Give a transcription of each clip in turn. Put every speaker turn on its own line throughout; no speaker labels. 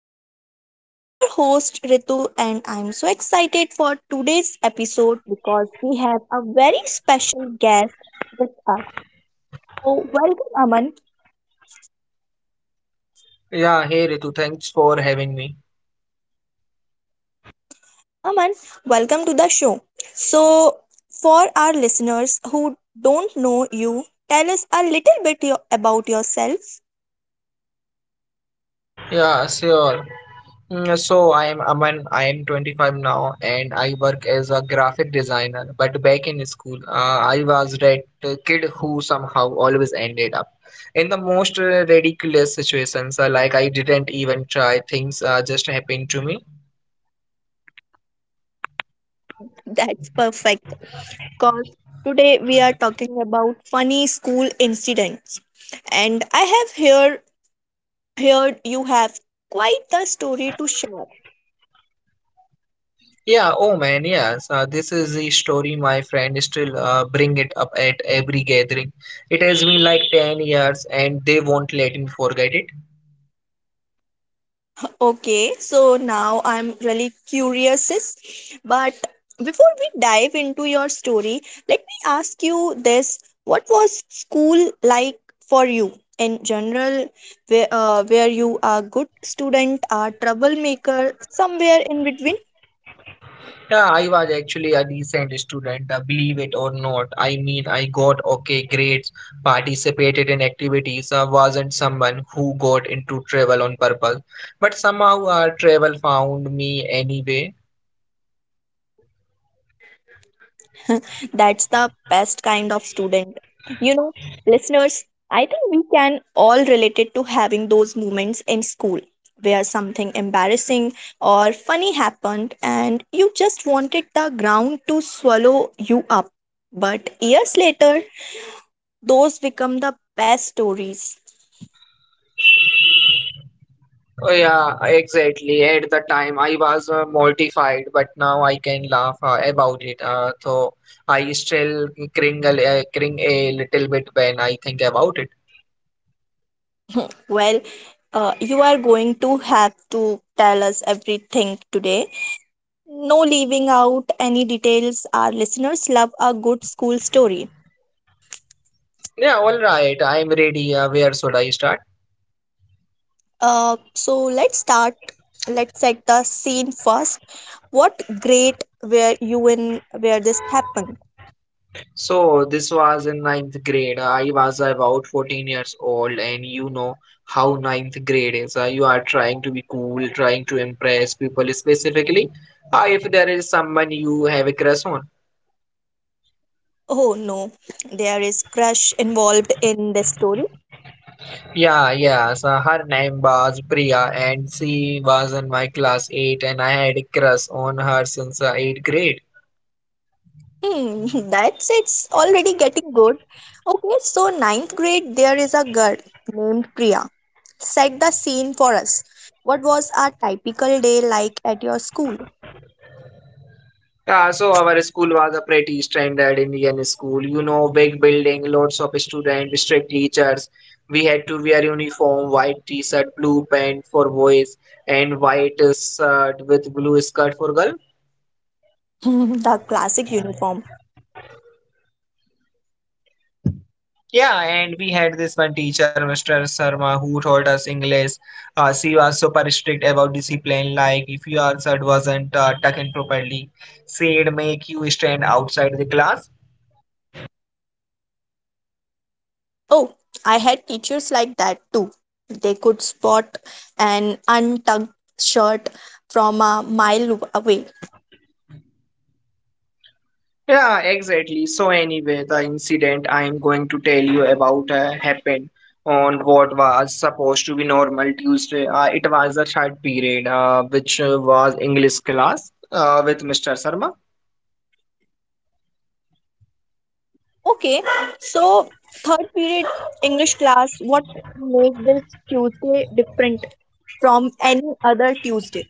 Chronicles. I'm your host Ritu, and I'm so excited for today's episode because we have a very special guest with us. So, welcome, Aman.
Yeah, hey Ritu, thanks for having me.
Aman, welcome to the show. So, for our listeners who don't know you, tell us a little bit about yourself.
Yeah, sure. So I am Aman, I am 25 now and I work as a graphic designer. But back in school, I was that kid who somehow always ended up in the most ridiculous situations. Like I didn't even try, things just happened to me.
That's perfect, because today we are talking about funny school incidents. And I have here heard you have quite the story to share.
Yeah, oh man, yes. This is the story my friend still bring it up at every gathering. It has been like 10 years and they won't let me forget it.
Okay, so now I'm really curious, sis. But before we dive into your story, let me ask you this. What was school like for you in general, where you are good student, are troublemaker, somewhere in between?
Yeah, I was actually a decent student, believe it or not. I mean, I got okay grades, participated in activities, wasn't someone who got into travel on purpose. But somehow travel found me anyway.
That's the best kind of student. You know, listeners, I think we can all relate it to having those moments in school where something embarrassing or funny happened and you just wanted the ground to swallow you up. But years later, those become the best stories.
Oh, yeah, exactly. At the time, I was mortified, but now I can laugh about it. So I still cringe a little bit when I think about it.
Well, you are going to have to tell us everything today. No leaving out any details. Our listeners love a good school story.
Yeah, all right. I'm ready. Where should I start?
So let's start. Let's set the scene first. What grade were you in where this happened?
So this was in ninth grade. I was about 14 years old, and you know how ninth grade is. You are trying to be cool, trying to impress people, specifically if there is someone you have a crush on.
Oh no, there is crush involved in this story.
Yeah, yeah. So her name was Priya, and she was in my class 8, and I had a crush on her since 8th grade.
That's it's already getting good. Okay, so ninth grade, there is a girl named Priya. Set the scene for us. What was a typical day like at your school?
Yeah, so our school was a pretty standard Indian school. You know, big building, lots of students, strict teachers. We had to wear uniform, white t-shirt, blue pant for boys, and white shirt with blue skirt for girl.
The classic uniform.
Yeah, and we had this one teacher, Mr. Sharma, who taught us English. She was super strict about discipline, like if your shirt wasn't tucked in properly, she'd make you stand outside the class.
Oh, I had teachers like that too. They could spot an untucked shirt from a mile away.
Yeah, exactly. So anyway, the incident I am going to tell you about happened on what was supposed to be normal Tuesday. It was the third period, which was English class with Mr. Sharma.
Okay, so third period English class, what made this Tuesday different from any other Tuesday?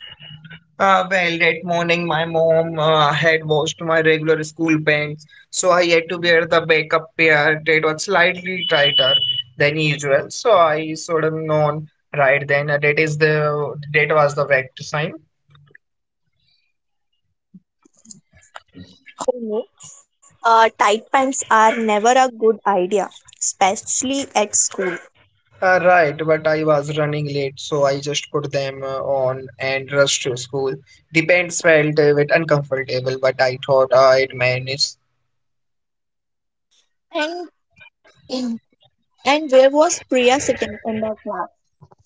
Well, that morning my mom had washed my regular school pants, so I had to wear the backup pair that was slightly tighter than usual. So I sort of known right then that is the that was the correct sign.
For me, tight pants are never a good idea, especially at school.
Right, but I was running late, so I just put them on and rushed to school. The pants felt a bit uncomfortable, but I thought I'd manage.
And where was Priya sitting in the class?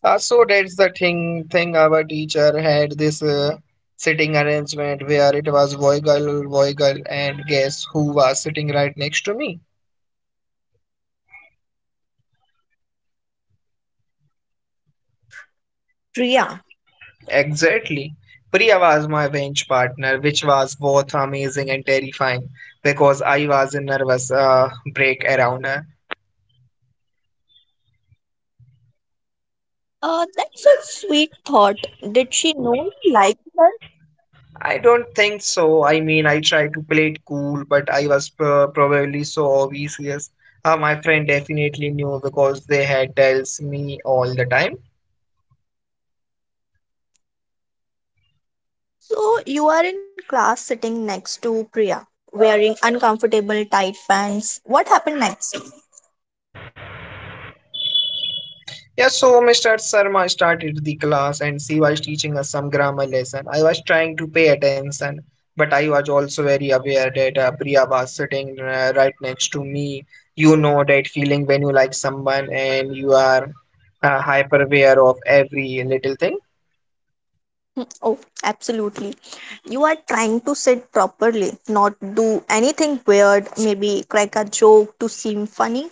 So that's the thing. Our teacher had this sitting arrangement where it was boy girl, and guess who was sitting right next to me?
Priya.
Exactly. Priya was my bench partner, which was both amazing and terrifying because I was a nervous break around her.
That's a sweet thought. Did she know you liked her?
I don't think so. I mean, I tried to play it cool, but I was probably so obvious. My friend definitely knew because they had tells me all the time.
So you are in class sitting next to Priya, wearing uncomfortable tight pants. What happened next?
Yeah, so Mr. Sharma started the class and she was teaching us some grammar lesson. I was trying to pay attention, but I was also very aware that Priya was sitting right next to me. You know that feeling when you like someone and you are hyper aware of every little thing.
Oh, absolutely. You are trying to sit properly, not do anything weird, maybe crack a joke to seem funny.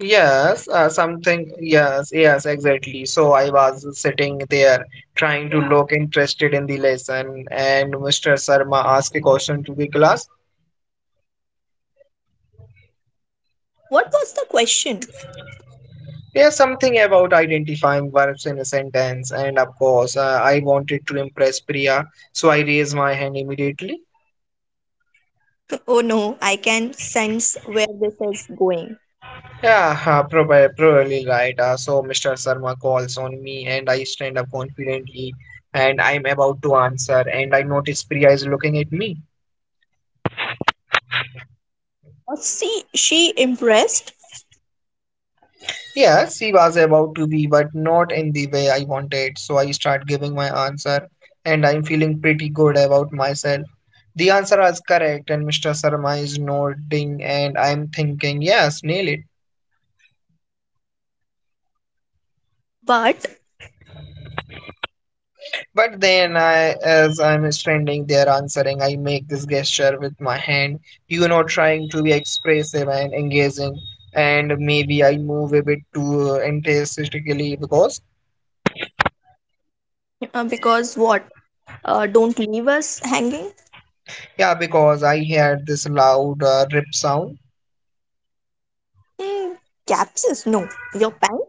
Yes, exactly. So I was sitting there trying to look interested in the lesson, and Mr. Sharma asked a question to the class.
What was the question?
Yes, something about identifying verbs in a sentence, and of course, I wanted to impress Priya, so I raised my hand immediately.
Oh no, I can sense where this is going.
Yeah, probably right. So Mr. Sharma calls on me, and I stand up confidently, and I'm about to answer, and I notice Priya is looking at me.
See, she impressed,
Yes, he was about to be, but not in the way I wanted. So I start giving my answer, and I'm feeling pretty good about myself. The answer was correct, and Mr. Sarma is nodding, and I'm thinking, yes, nail it.
but
But as I'm standing there answering, I make this gesture with my hand, you know, trying to be expressive and engaging, and maybe I move a bit too enthusiastically because,
because what? Don't leave us hanging.
yeah, because I heard this loud rip sound.
Mm, capsules? No. Your pant?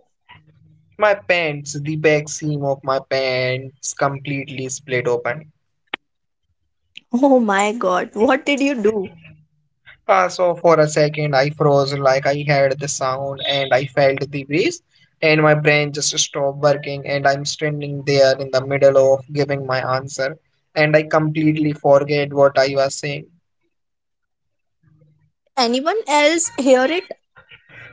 My pants, the back seam of my pants completely split open.
Oh my god, what did you do?
So for a second, I froze like I heard the sound and I felt the breeze, and my brain just stopped working. And I'm standing there in the middle of giving my answer, and I completely forget what I was saying.
Anyone else hear it?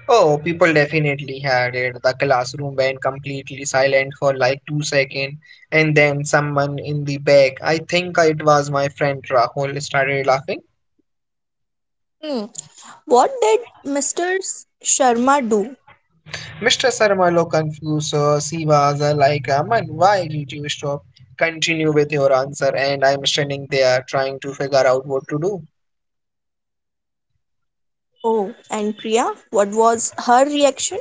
Oh, people definitely had it. The classroom went completely silent for like 2 seconds, and then someone in the back, I think it was my friend Rahul, started laughing.
Hmm. What did Mr. Sharma do?
Mr. Sarmalo confused Sivas like, Aman, why did you stop? Continue with your answer. And I'm standing there trying to figure out what to do.
Oh, and Priya, what was her reaction?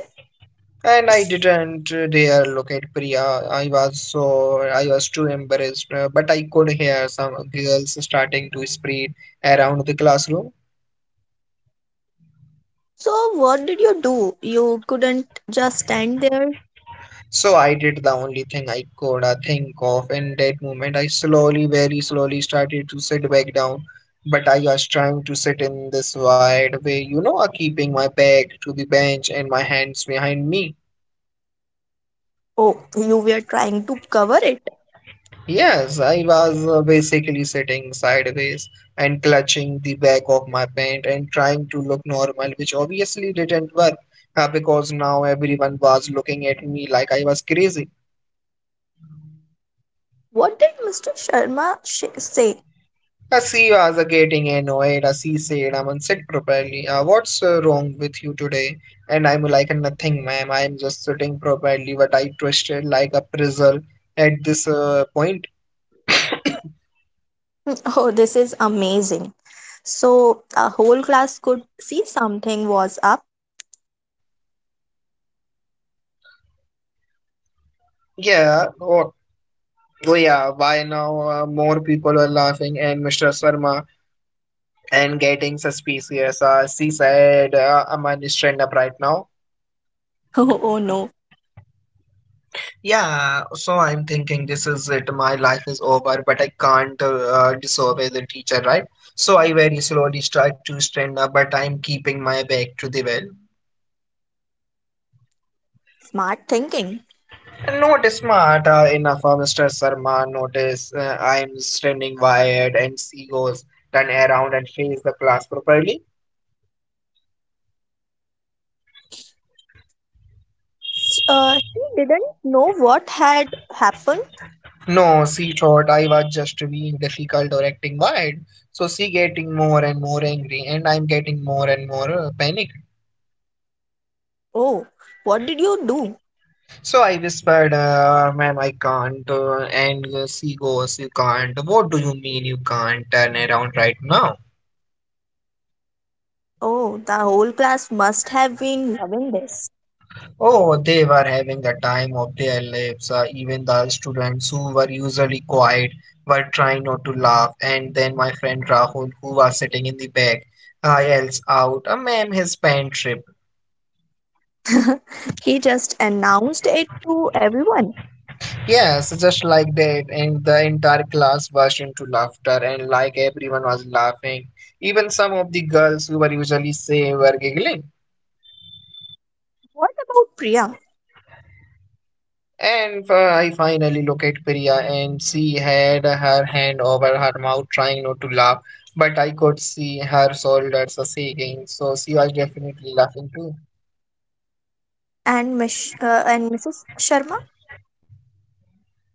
And I didn't dare look at Priya. I was too embarrassed, but I could hear some girls starting to spread around the classroom.
So, what did you do? You couldn't just stand there.
So I did the only thing I could think of in that moment. I slowly, very slowly started to sit back down, but I was trying to sit in this wide way, you know, keeping my back to the bench and my hands behind me.
Oh, you were trying to cover it.
Yes, I was basically sitting sideways and clutching the back of my pant and trying to look normal, which obviously didn't work because now everyone was looking at me like I was crazy.
What did Mr. Sharma say?
Asiva's was getting annoyed as he said I'm unsick properly. What's wrong with you today? And I'm like nothing ma'am. I'm just sitting properly but I twisted like a pretzel at this point.
Oh, this is amazing. So, a whole class could see something was up.
Yeah. Oh, oh yeah. Why now more people are laughing and Mr. Sharma and getting suspicious. She said I'm unstrained up right now.
Oh oh, no.
Yeah, so I'm thinking this is it, my life is over, but I can't disobey the teacher, right? So I very slowly start to stand up, but I'm keeping my back to the wall.
Smart thinking.
Not smart enough, Mr. Sarma. Notice I'm standing wired, and she goes turn around and face the class properly.
She didn't know what had happened.
No, she thought I was just being difficult or acting wild. So she getting more and more angry, and I'm getting more and more panic.
Oh, what did you do?
So I whispered, ma'am, I can't. And she goes, you can't. What do you mean you can't turn around right now?
Oh, the whole class must have been loving this.
Oh, they were having the time of their lives. Even the students who were usually quiet were trying not to laugh. And then my friend Rahul, who was sitting in the back, yells out, ma'am, his pen tripped.
He just announced it to everyone.
Yes, just like that, and the entire class burst into laughter, and like everyone was laughing. Even some of the girls who were usually safe were giggling.
What about Priya
And I finally looked at Priya, and she had her hand over her mouth, trying not to laugh, but I could see her shoulders shaking, so she was definitely laughing too.
and Mrs. Sharma?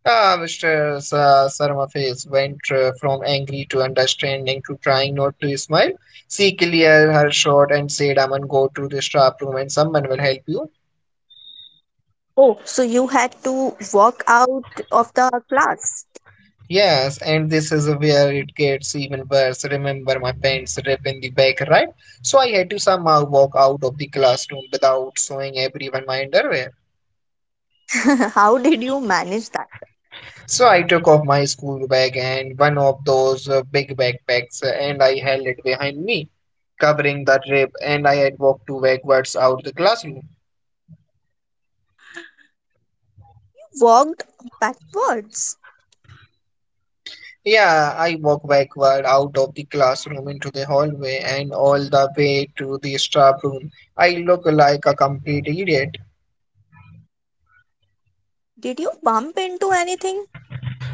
Ah, Saramaface went from angry to understanding to trying not to smile. She cleared her throat and said, Aman, go to the staff room and someone will help you.
Oh, so you had to walk out of the class.
Yes, and this is where it gets even worse. Remember, my pants rip in the back, right? So I had to somehow walk out of the classroom without showing everyone my underwear.
How did you manage that?
So I took off my school bag and one of those big backpacks and I held it behind me, covering the trip, and I had walked two backwards out the classroom.
Walked backwards.
Yeah, I walked backward out of the classroom into the hallway and all the way to the staff room. I look like a complete idiot.
Did you bump into anything?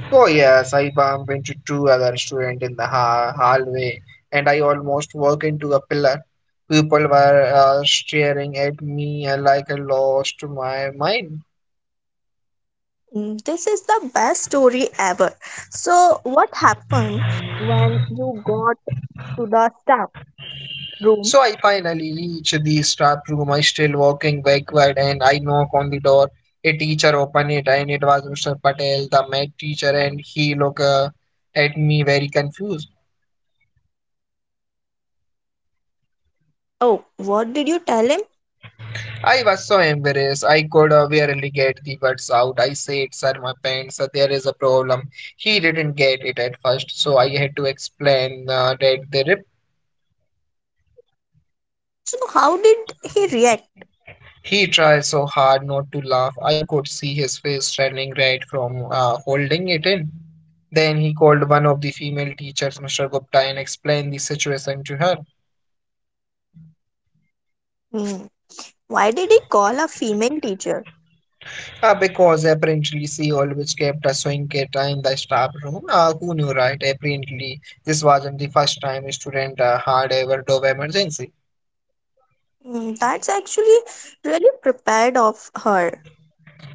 Oh yes, I bumped into two other students in the hallway, and I almost walked into a pillar. People were staring at me like I lost my mind.
Mm, this is the best story ever. So, what happened when you got to the staff room?
So I finally reach the staff room. I still walking backward and I knock on the door. A teacher opened it and it was Mr. Patel, the math teacher, and he looked at me very confused.
Oh, what did you tell him?
I was so embarrassed. I could barely get the words out. I said, "Sir, my pants. There is a problem." He didn't get it at first, so I had to explain that the rip.
So, how did he react?
He tried so hard not to laugh. I could see his face turning red from holding it in. Then he called one of the female teachers, Mr. Gupta, and explained the situation to her.
Mm, why did he call a female teacher?
Because apparently she always kept a swingeta in the staff room. Who knew, right? Apparently, this wasn't the first time a student had a overdose emergency.
Mm, that's actually really prepared of her.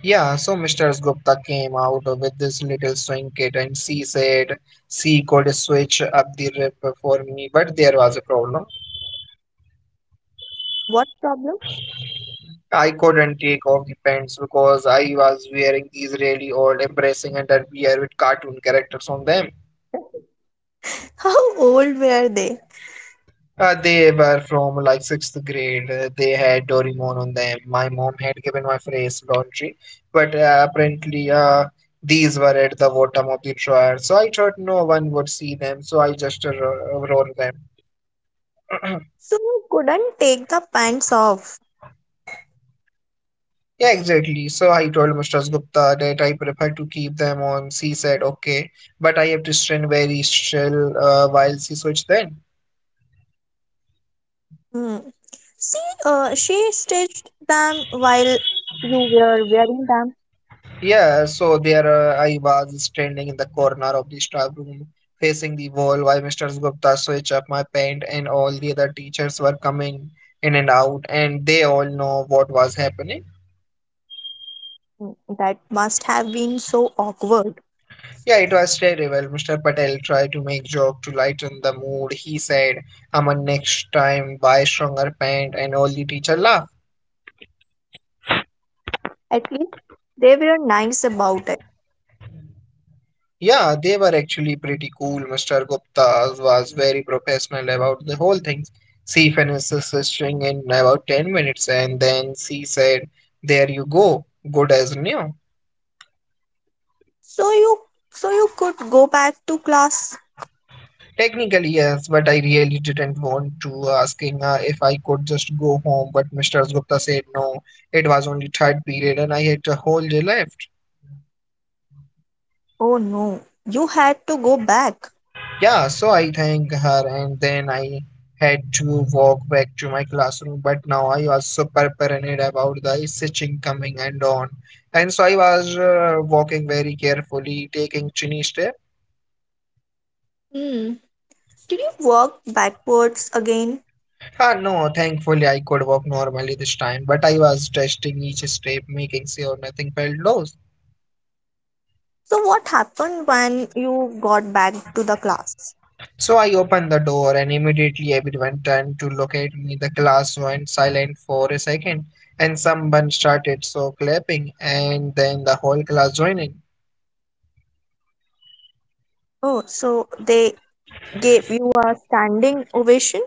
Yeah, so Mr. Gupta came out with this little swingeta and she said she could switch up the rip for me, but there was a problem.
What problem?
I couldn't take off the pants because I was wearing these really old, embarrassing underwear with cartoon characters on them.
How old were they?
They were from like sixth grade. They had Doraemon on them. My mom had given my phrase laundry, but apparently these were at the bottom of the drawer. So I thought no one would see them, so I just wore them.
So, couldn't take the pants off.
Yeah, exactly. So I told Mr. Gupta that I prefer to keep them on. She said, okay, but I have to stand very still while she switched then.
Mm. See, she stitched them while you were wearing them.
Yeah, so there I was standing in the corner of the staff room facing the wall while Mr. Gupta switched up my pant and all the other teachers were coming in and out and they all know what was happening.
That must have been so awkward.
Yeah, it was terrible. Mr. Patel tried to make joke to lighten the mood. He said, Aman next time buy stronger pant and all the teacher laughed.
At least they were nice about it.
Yeah, they were actually pretty cool. Mr. Gupta was very professional about the whole thing. She finished stitching in about 10 minutes and then she said, there you go, good as new.
So you so you could go back to class.
Technically, yes, but I really didn't want to asking her if I could just go home. But Mr. Gupta said no. It was only third period and I had a whole day left.
Oh no, you had to go back.
Yeah, so I thanked her and then I had to walk back to my classroom. But now I also paranoid about the stitching coming and on. And so I was walking very carefully, taking tiny step.
Hmm. Did you walk backwards again?
Ah, no, thankfully I could walk normally this time, but I was testing each step, making sure nothing felt loose.
So what happened when you got back to the class?
So I opened the door and immediately everyone turned to look at me. The class went silent for a second and someone started so clapping and then the whole class joined in.
Oh, so they gave you a standing ovation?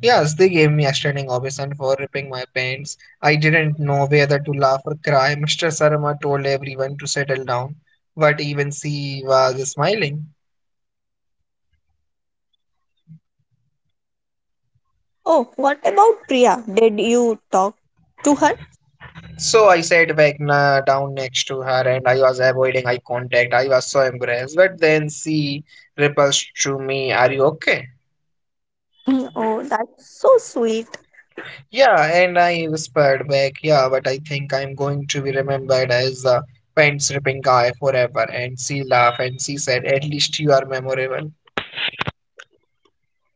Yes, they gave me a standing ovation for ripping my pants. I didn't know whether to laugh or cry. Mr. Sarma told everyone to settle down, but even she was smiling.
Oh, what about Priya? Did you talk to her?
So I sat back down next to her and I was avoiding eye contact. I was so embarrassed, but then she repulsed to me, are you okay?
Mm, oh, that's so sweet.
Yeah, and I whispered back, yeah, but I think I'm going to be remembered as the pants ripping guy forever. And she laughed and she said, at least you are memorable.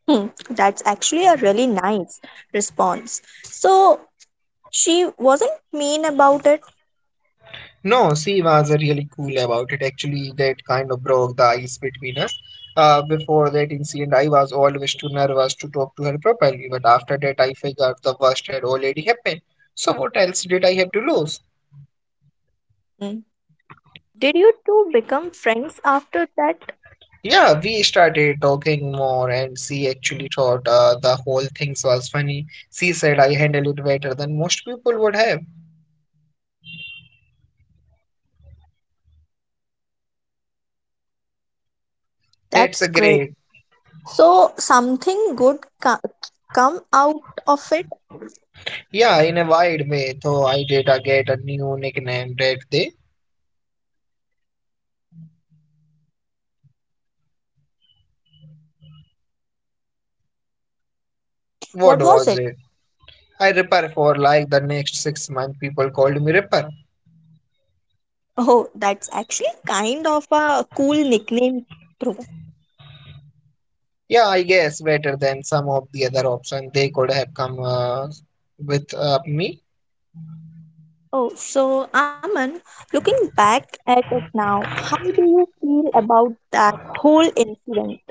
Hmm, that's actually a really nice response. So she wasn't mean about it.
No, she was really cool about it. Actually, that kind of broke the ice between us. Before that incident, I was always too nervous to talk to her properly, but after that, I figured the worst had already happened. So, what else did I have to lose?
Hmm. Did you two become friends after that?
Yeah, we started talking more, and she actually thought the whole thing was funny. She said I handle it better than most people would have. That's
That's
a
great.
great.
So something good come out of it.
Yeah, in a wide way, though I did get a new nickname that day. What
What was
was
it?
it? I Ripper for like the next 6 months, people called me Ripper.
Oh, that's actually kind of a cool nickname, bro.
Yeah, I guess better than some of the other options they could have come with me.
Oh, so Aman, looking back at it now, how do you feel about that whole incident?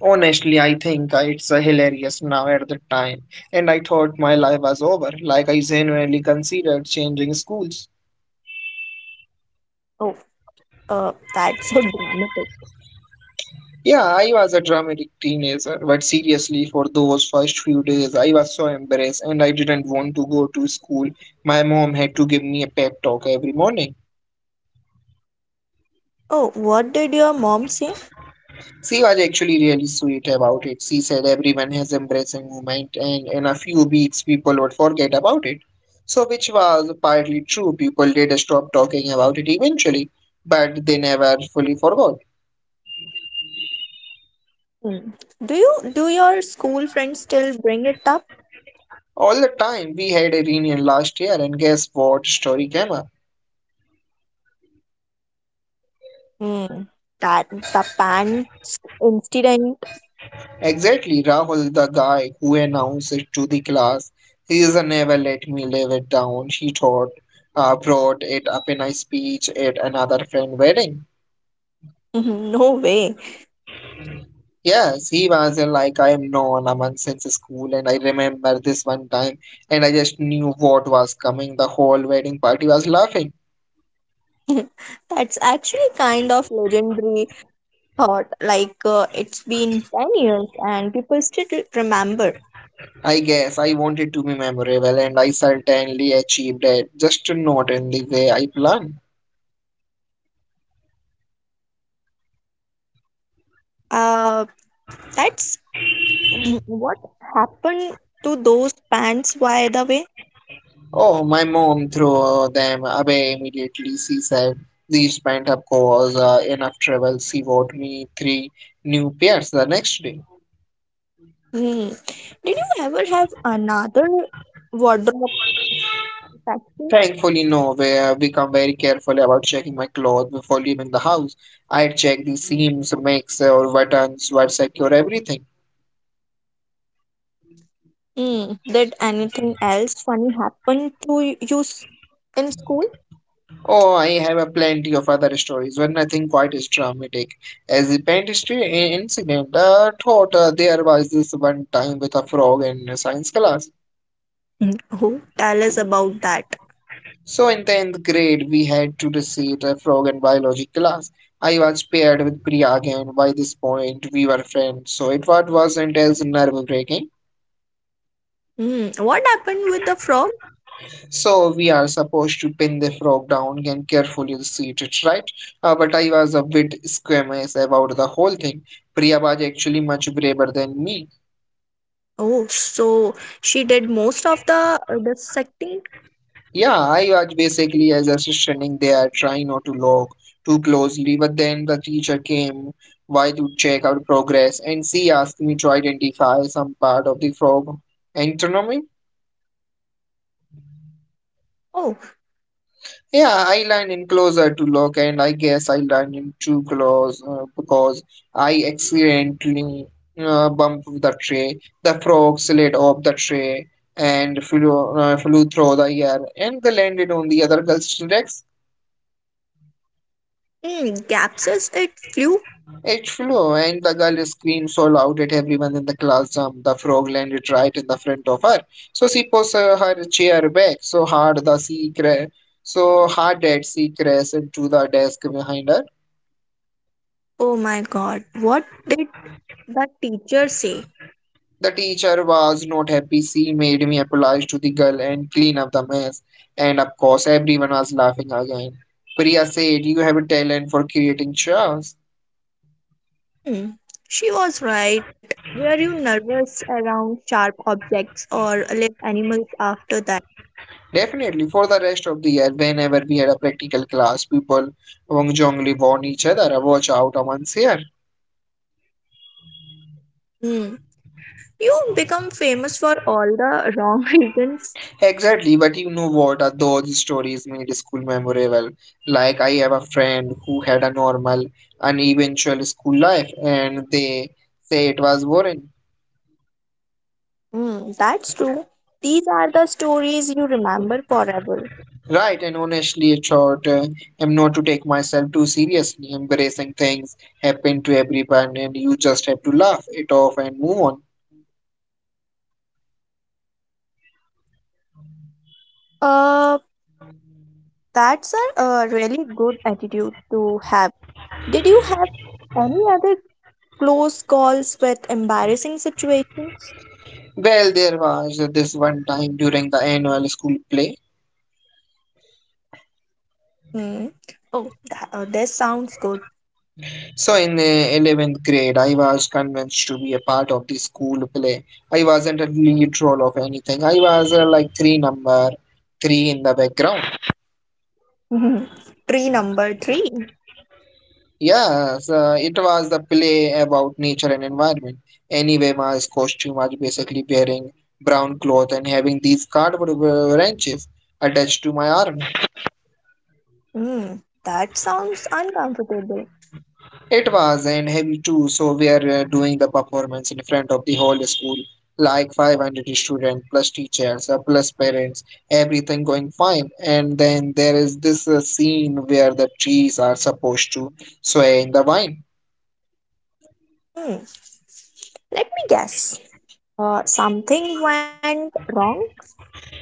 Honestly, I think it's hilarious now at the time, and I thought my life was over, like I genuinely considered changing schools.
Oh, that's so dramatic.
Yeah, I was a dramatic teenager, but seriously, for those first few days, I was so embarrassed and I didn't want to go to school. My mom had to give me a pep talk every morning.
Oh, what did your mom say?
She was actually really sweet about it. She said everyone has embracing movement and in a few weeks people would forget about it. So which was partly true. People did stop talking about it eventually, but they never fully forgot.
Hmm. Do your school friends still bring it up?
All the time we had a reunion last year and guess what story came up?
Hmm. That the pants incident?
Exactly Rahul the guy who announced it to the class. He is a never let me live it down, he thought, brought it up in a speech at another friend wedding.
No way.
Yes, he was like I am known amongst in the school, and I remember this one time, and I just knew what was coming. The whole wedding party was laughing.
That's actually kind of legendary thought. Like it's been 10 years and people still remember.
I guess I wanted to be memorable, and I certainly achieved it, just not in the way I planned.
Uh, that's what happened to those pants. By the way,
Oh, my mom threw them away immediately. She said these pent-up cause enough trouble. She bought me three new pairs the next day.
hmm, did you ever have another wardrobe?
Thankfully, no, where I become very careful about checking my clothes before leaving the house. I check the seams, makes, or buttons, what secure everything.
Hmm, did anything else funny happen to in school?
Oh, I have a plenty of other stories, but nothing quite as dramatic as the pantry incident. Thought there was this one time with a frog in a science class.
Mm, oh, tell us about that.
So in 10th grade, we had to recite a frog in biology class. I was paired with Priya again. By this point, we were friends, so wasn't as nerve-breaking.
Hmm, what happened with the frog?
So we are supposed to pin the frog down and carefully seat it, right? But I was a bit squeamish about the whole thing. Priya was actually much braver than me.
Oh, so she did most of the dissecting.
Yeah, I was basically just standing there trying not to look too closely, but then the teacher came by to check our progress and she asked me to identify some part of the frog anatomy.
Oh,
Yeah, I land in closer to lock, and I guess I land in too close because I accidentally bumped the tray. The frog slid off the tray and flew through the air, and they landed on the other girl's desk.
hmm, captures it flew.
It flew, and the girl screamed so loud that everyone in the class jumped. The frog landed right in the front of her, so she pushed her chair back so hard that she crashed into the desk behind her.
Oh my God, what did the teacher say?
The teacher was not happy. She made me apologize to the girl and clean up the mess. And of course, everyone was laughing again. Priya said, you have a talent for creating chaos.
Hmm, she was right. Were you nervous around sharp objects or live animals after that?
Definitely, for the rest of the year, whenever we had a practical class, people wrongly warned each other, watch out, Aman's here.
Hmm. You become famous for all the wrong reasons.
Exactly, but you know what? Those stories made school memorable. Like, I have a friend who had a normal, uneventual school life, and they say it was boring.
Hmm, that's true. These are the stories you remember forever.
Right, and honestly, a short, I'm not to take myself too seriously. Embracing things happen to everyone, and you just have to laugh it off and move on.
Uh, that's a really good attitude to have. Did you have any other close calls with embarrassing situations?
Well, there was this one time during the annual school play.
Hmm. Oh, that, this sounds good.
So, in the 11th grade, I was convinced to be a part of the school play. I wasn't a lead role of anything, I was like three number three in the background.
Tree number three.
Yeah, so it was the play about nature and environment. Anyway, my costume was basically wearing brown cloth and having these cardboard wrenches attached to my arm.
Hmm, that sounds uncomfortable.
It was and heavy too, so we are doing the performance in front of the whole school, like 500 students plus teachers plus parents, everything going fine. And then there is this scene where the trees are supposed to sway in the wind.
Hmm. Let me guess. Something went wrong?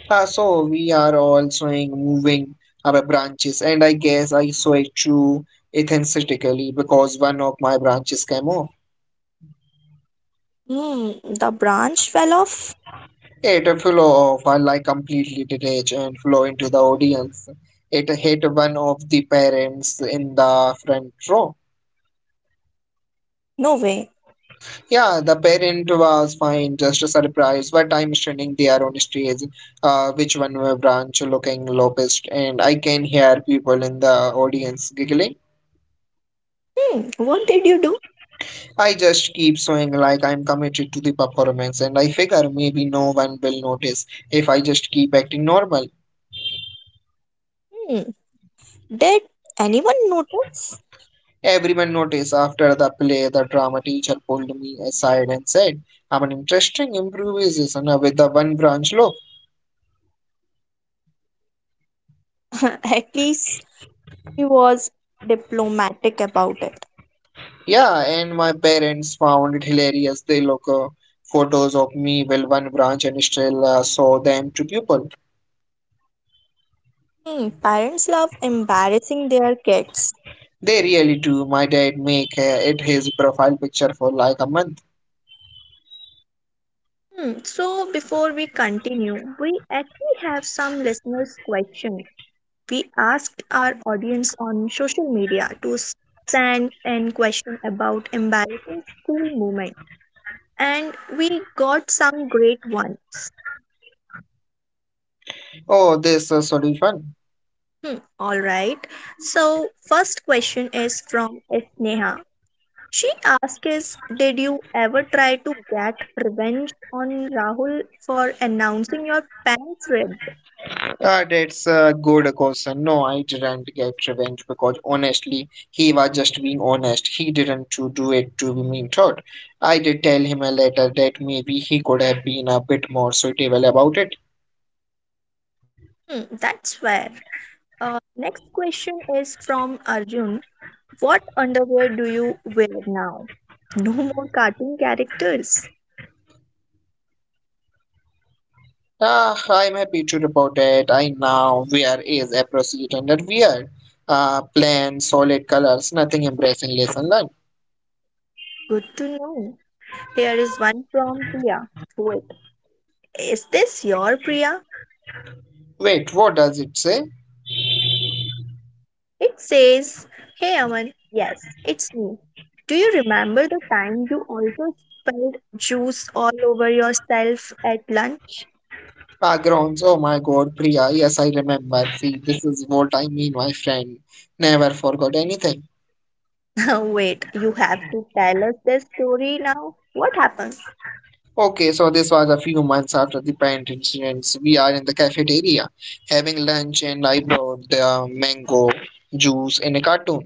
Ah, so we are also moving our branches, and I guess I sway to enthusiastically because one of my branches came off.
Hmm, the branch fell off?
It flew off, while I like completely detached and flow into the audience. It hit one of the parents in the front row.
No way.
Yeah, the parent was fine, just surprised, but I'm standing there on stage, which one were branch looking lopest, and I can hear people in the audience giggling.
Hmm, what did you do?
I just keep showing like I'm committed to the performance, and I figure maybe no one will notice if I just keep acting normal.
Hmm, did anyone notice?
Everyone noticed after the play, the drama teacher pulled me aside and said, I'm an interesting improvisation with the one branch look.
At least he was diplomatic about it.
Yeah, and my parents found it hilarious. They look photos of me with one branch and still show them to people.
Hmm, parents love embarrassing their kids.
They really do. My dad make it his profile picture for like a month.
Hmm, so before we continue, we actually have some listeners' questions. We asked our audience on social media to send in question about embarrassing school moments and we got some great ones.
Oh, this should be fun.
Hmm, all right. So, first question is from Sneha. She asks is, did you ever try to get revenge on Rahul for announcing your pants ripped?
That's a good question. No, I didn't get revenge because honestly, he was just being honest. He didn't to do it to be mean thought. I did tell him a letter that maybe he could have been a bit more suitable about it.
Hmm, that's fair. Next question is from Arjun. What underwear do you wear now? No more cartoon characters.
Ah, I'm happy to report that I now wear is a proceed under wear. Plain, solid colors, nothing embarrassing lesson learned.
Good to know. Here is one from Priya. Wait, is this your Priya?
Wait, what does it say?
It says, Hey Aman, yes, it's me. Do you remember the time you also spilled juice all over yourself at lunch?
Backgrounds, oh my god, Priya, yes, I remember. See, this is what I mean, my friend. Never forgot anything.
Wait, you have to tell us this story now. What happened?
Okay, so this was a few months after the pant incidents. We are in the cafeteria having lunch, and I brought the mango juice in a cartoon.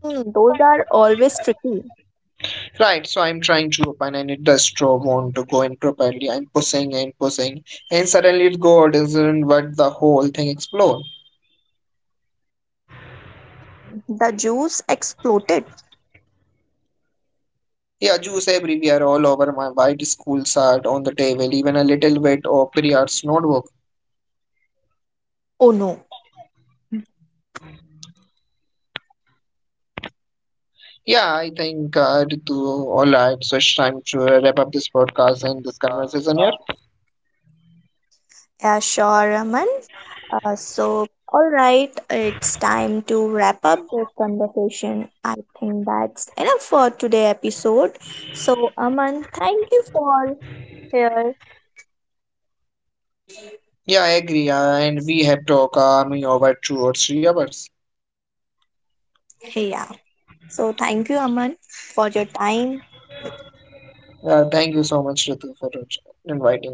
Hmm, those are always tricky.
Right, so I'm trying to open, and it does straw want to go in properly. I'm pushing and pushing, and suddenly it goes, isn't what the whole thing explode.
The juice exploded.
Yeah, Jews everywhere, all over my white school are on the table, even a little bit of Priyar's notebook.
Oh no.
Yeah, I think Ritu, all right, so it's time to wrap up this podcast and this conversation here.
Yeah, sure, Aman. Uh, so, all right, it's time to wrap up this conversation. I think that's enough for today episode. So, Aman, thank you for here.
Yeah, I agree, and we have talked me over 2 or 3 hours.
Yeah. So, thank you, Aman, for your time.
Thank you so much, Ritu, for inviting me.